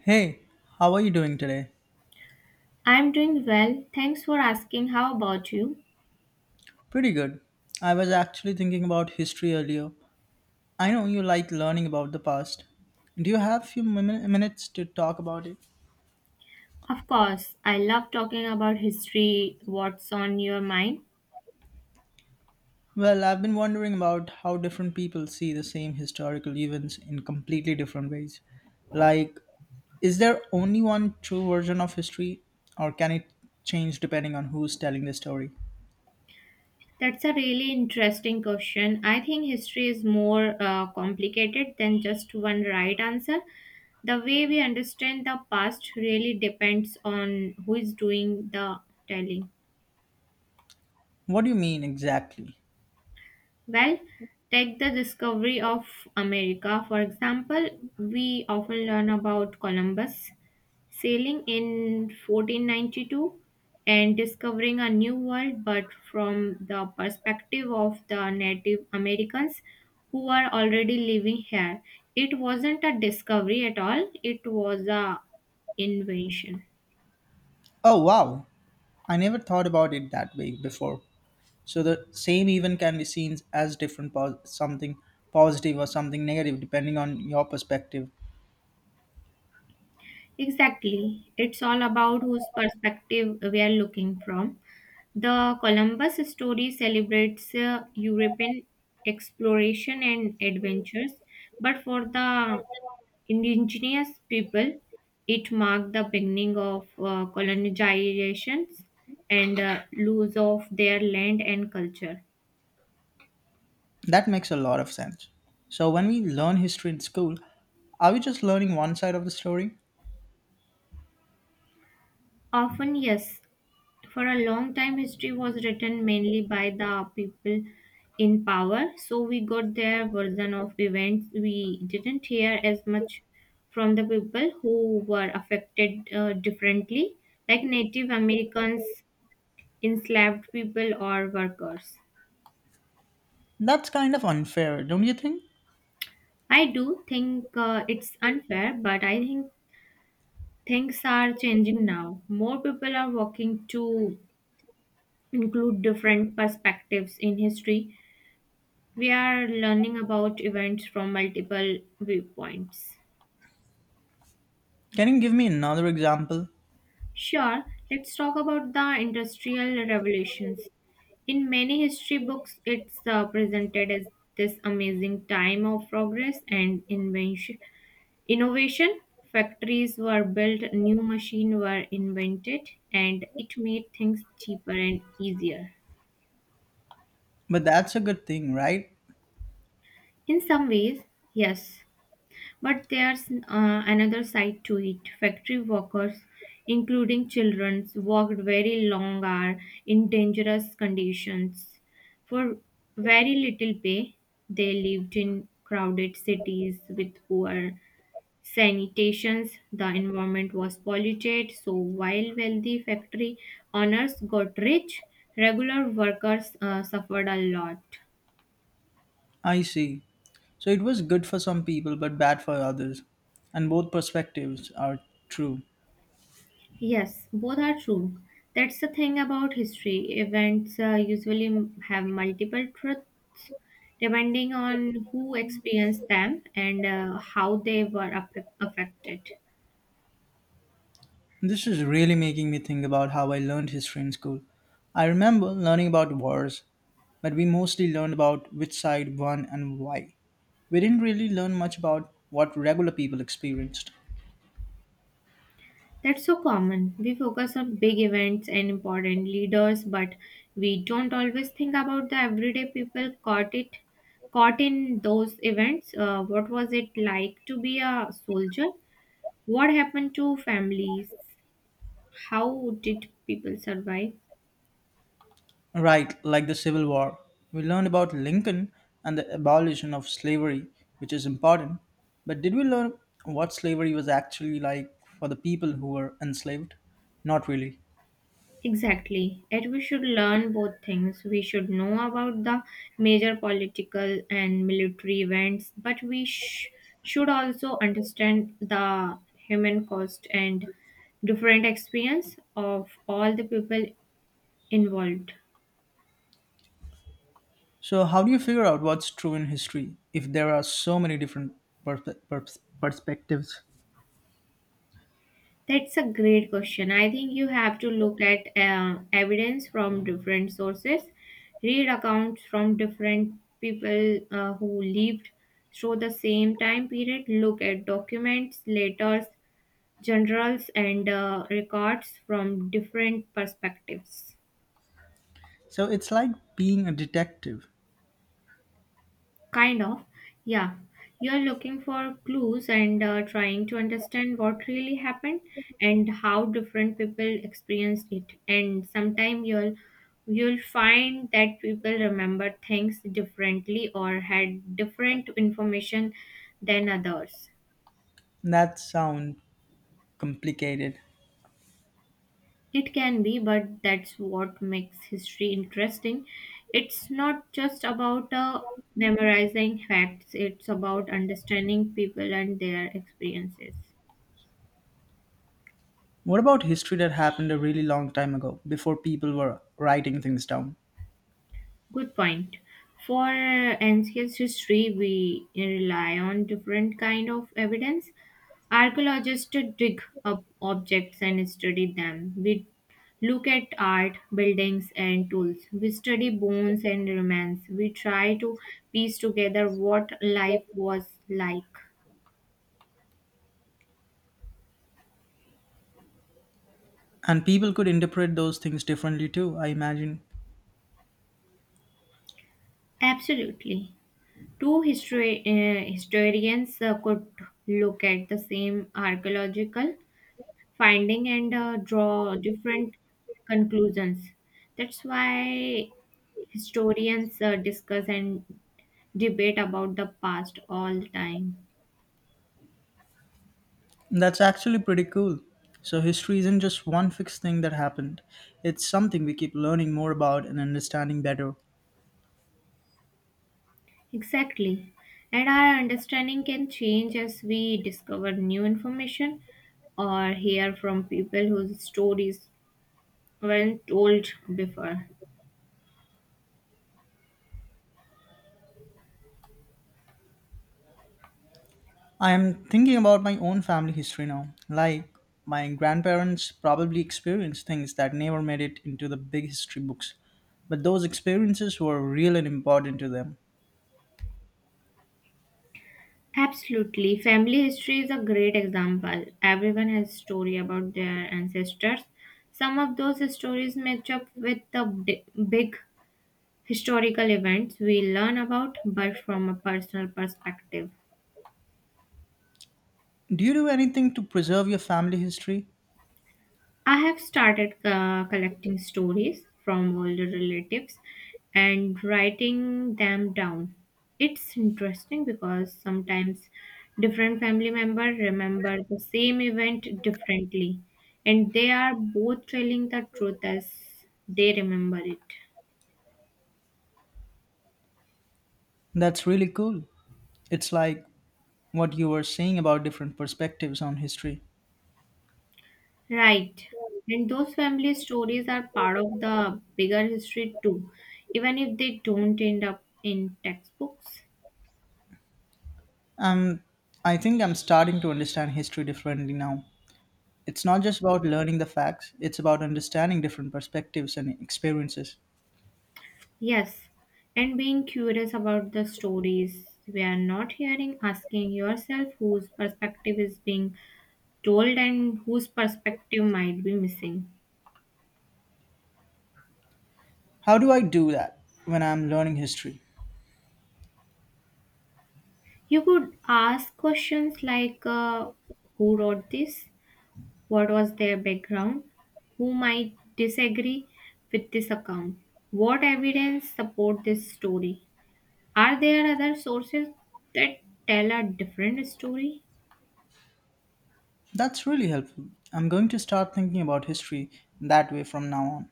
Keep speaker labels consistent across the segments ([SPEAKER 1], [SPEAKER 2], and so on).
[SPEAKER 1] Hey, how are you doing today?
[SPEAKER 2] I'm doing well. Thanks for asking. How about you?
[SPEAKER 1] Pretty good. I was actually thinking about history earlier. I know you like learning about the past. Do you have a few minutes to talk about it?
[SPEAKER 2] Of course, I love talking about history. What's on your mind?
[SPEAKER 1] Well, I've been wondering about how different people see the same historical events in completely different ways. Like, is there only one true version of history, or can it change depending on who's telling the story?
[SPEAKER 2] That's a really interesting question. I think history is more complicated than just one right answer. The way we understand the past really depends on who is doing the telling.
[SPEAKER 1] What do you mean exactly?
[SPEAKER 2] Well, take the discovery of America, for example. We often learn about Columbus sailing in 1492 and discovering a new world, but from the perspective of the Native Americans who are already living here. It wasn't a discovery at all, it was a invention.
[SPEAKER 1] Oh, wow. I never thought about it that way before. So the same event can be seen as different, something positive or something negative, depending on your perspective.
[SPEAKER 2] Exactly. It's all about whose perspective we are looking from. The Columbus story celebrates European exploration and adventures, but for the indigenous people, it marked the beginning of colonizations and lose of their land and culture.
[SPEAKER 1] That makes a lot of sense. So when we learn history in school, are we just learning one side of the story?
[SPEAKER 2] Often, yes, for a long time history was written mainly by the people in power, so we got their version of events. We didn't hear as much from the people who were affected differently, like native americans, enslaved people, or workers.
[SPEAKER 1] That's kind of unfair, don't you think?
[SPEAKER 2] I do think it's unfair, but I think things are changing now. More people are working to include different perspectives in history. We are learning about events from multiple viewpoints.
[SPEAKER 1] Can you give me another example?
[SPEAKER 2] Sure, let's talk about the Industrial Revolutions. In many history books, it's presented as this amazing time of progress and invention, innovation. Factories were built, new machines were invented, and it made things cheaper and easier.
[SPEAKER 1] But that's a good thing, right?
[SPEAKER 2] In some ways, yes, but there's another side to it. Factory workers, including children, worked very long hours in dangerous conditions. For very little pay, they lived in crowded cities with poor sanitation. The environment was polluted, so while wealthy factory owners got rich, regular workers suffered a lot.
[SPEAKER 1] I see. So it was good for some people but bad for others. And both perspectives are true.
[SPEAKER 2] Yes, both are true. That's the thing about history. Events usually have multiple truths depending on who experienced them and how they were affected.
[SPEAKER 1] This is really making me think about how I learned history in school. I remember learning about wars, but we mostly learned about which side won and why. We didn't really learn much about what regular people experienced.
[SPEAKER 2] That's so common. We focus on big events and important leaders, but we don't always think about the everyday people caught in those events. What was it like to be a soldier? What happened to families? How did people survive?
[SPEAKER 1] Right, like the Civil War. We learned about Lincoln and the abolition of slavery, which is important, but did we learn what slavery was actually like for the people who were enslaved? Not really.
[SPEAKER 2] Exactly. Yet we should learn both things. We should know about the major political and military events, but we should also understand the human cost and different experience of all the people involved.
[SPEAKER 1] So, how do you figure out what's true in history if there are so many different perspectives?
[SPEAKER 2] That's a great question. I think you have to look at evidence from different sources, read accounts from different people who lived through the same time period, look at documents, letters, journals, and records from different perspectives.
[SPEAKER 1] So, it's like being a detective.
[SPEAKER 2] Kind of, yeah. You're looking for clues and trying to understand what really happened and how different people experienced it. And sometimes you'll find that people remember things differently or had different information than others.
[SPEAKER 1] That sounds complicated.
[SPEAKER 2] It can be, but that's what makes history interesting. It's not just about memorizing facts, it's about understanding people and their experiences.
[SPEAKER 1] What about history that happened a really long time ago, before people were writing things down?
[SPEAKER 2] Good point. For ancient history, we rely on different kind of evidence. Archaeologists dig up objects and study them. We look at art, buildings, and tools. We study bones and remains. We try to piece together what life was like.
[SPEAKER 1] And people could interpret those things differently too, I imagine.
[SPEAKER 2] Absolutely. Historians could look at the same archaeological finding and draw different conclusions. That's why historians discuss and debate about the past all the time.
[SPEAKER 1] That's actually pretty cool. So, history isn't just one fixed thing that happened, it's something we keep learning more about and understanding better.
[SPEAKER 2] Exactly. And our understanding can change as we discover new information or hear from people whose stories weren't told before.
[SPEAKER 1] I am thinking about my own family history now. Like, my grandparents probably experienced things that never made it into the big history books, but those experiences were real and important to them.
[SPEAKER 2] Absolutely. Family history is a great example. Everyone has story about their ancestors. Some of those stories match up with the big historical events we learn about, but from a personal perspective.
[SPEAKER 1] Do you do anything to preserve your family history?
[SPEAKER 2] I have started collecting stories from older relatives and writing them down. It's interesting because sometimes different family members remember the same event differently, and they are both telling the truth as they remember it.
[SPEAKER 1] That's really cool. It's like what you were saying about different perspectives on history.
[SPEAKER 2] Right. And those family stories are part of the bigger history too, even if they don't end up in textbooks.
[SPEAKER 1] Um, I think I'm starting to understand history differently now. It's not just about learning the facts, it's about understanding different perspectives and experiences.
[SPEAKER 2] Yes, and being curious about the stories we are not hearing, asking yourself whose perspective is being told and whose perspective might be missing.
[SPEAKER 1] How do I do that when I'm learning history?
[SPEAKER 2] You could ask questions like, who wrote this? What was their background? Who might disagree with this account? What evidence support this story? Are there other sources that tell a different story?
[SPEAKER 1] That's really helpful. I'm going to start thinking about history that way from now on.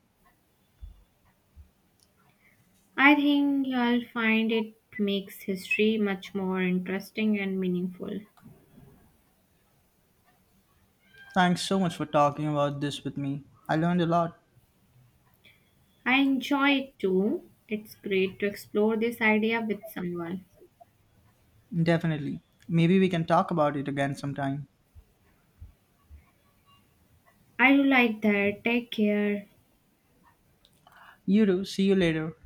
[SPEAKER 2] I think I'll find it makes history much more interesting and meaningful.
[SPEAKER 1] Thanks so much for talking about this with me. I learned a lot.
[SPEAKER 2] I enjoy it too. It's great to explore this idea with someone.
[SPEAKER 1] Definitely. Maybe we can talk about it again sometime.
[SPEAKER 2] I do like that. Take care.
[SPEAKER 1] You do. See you later.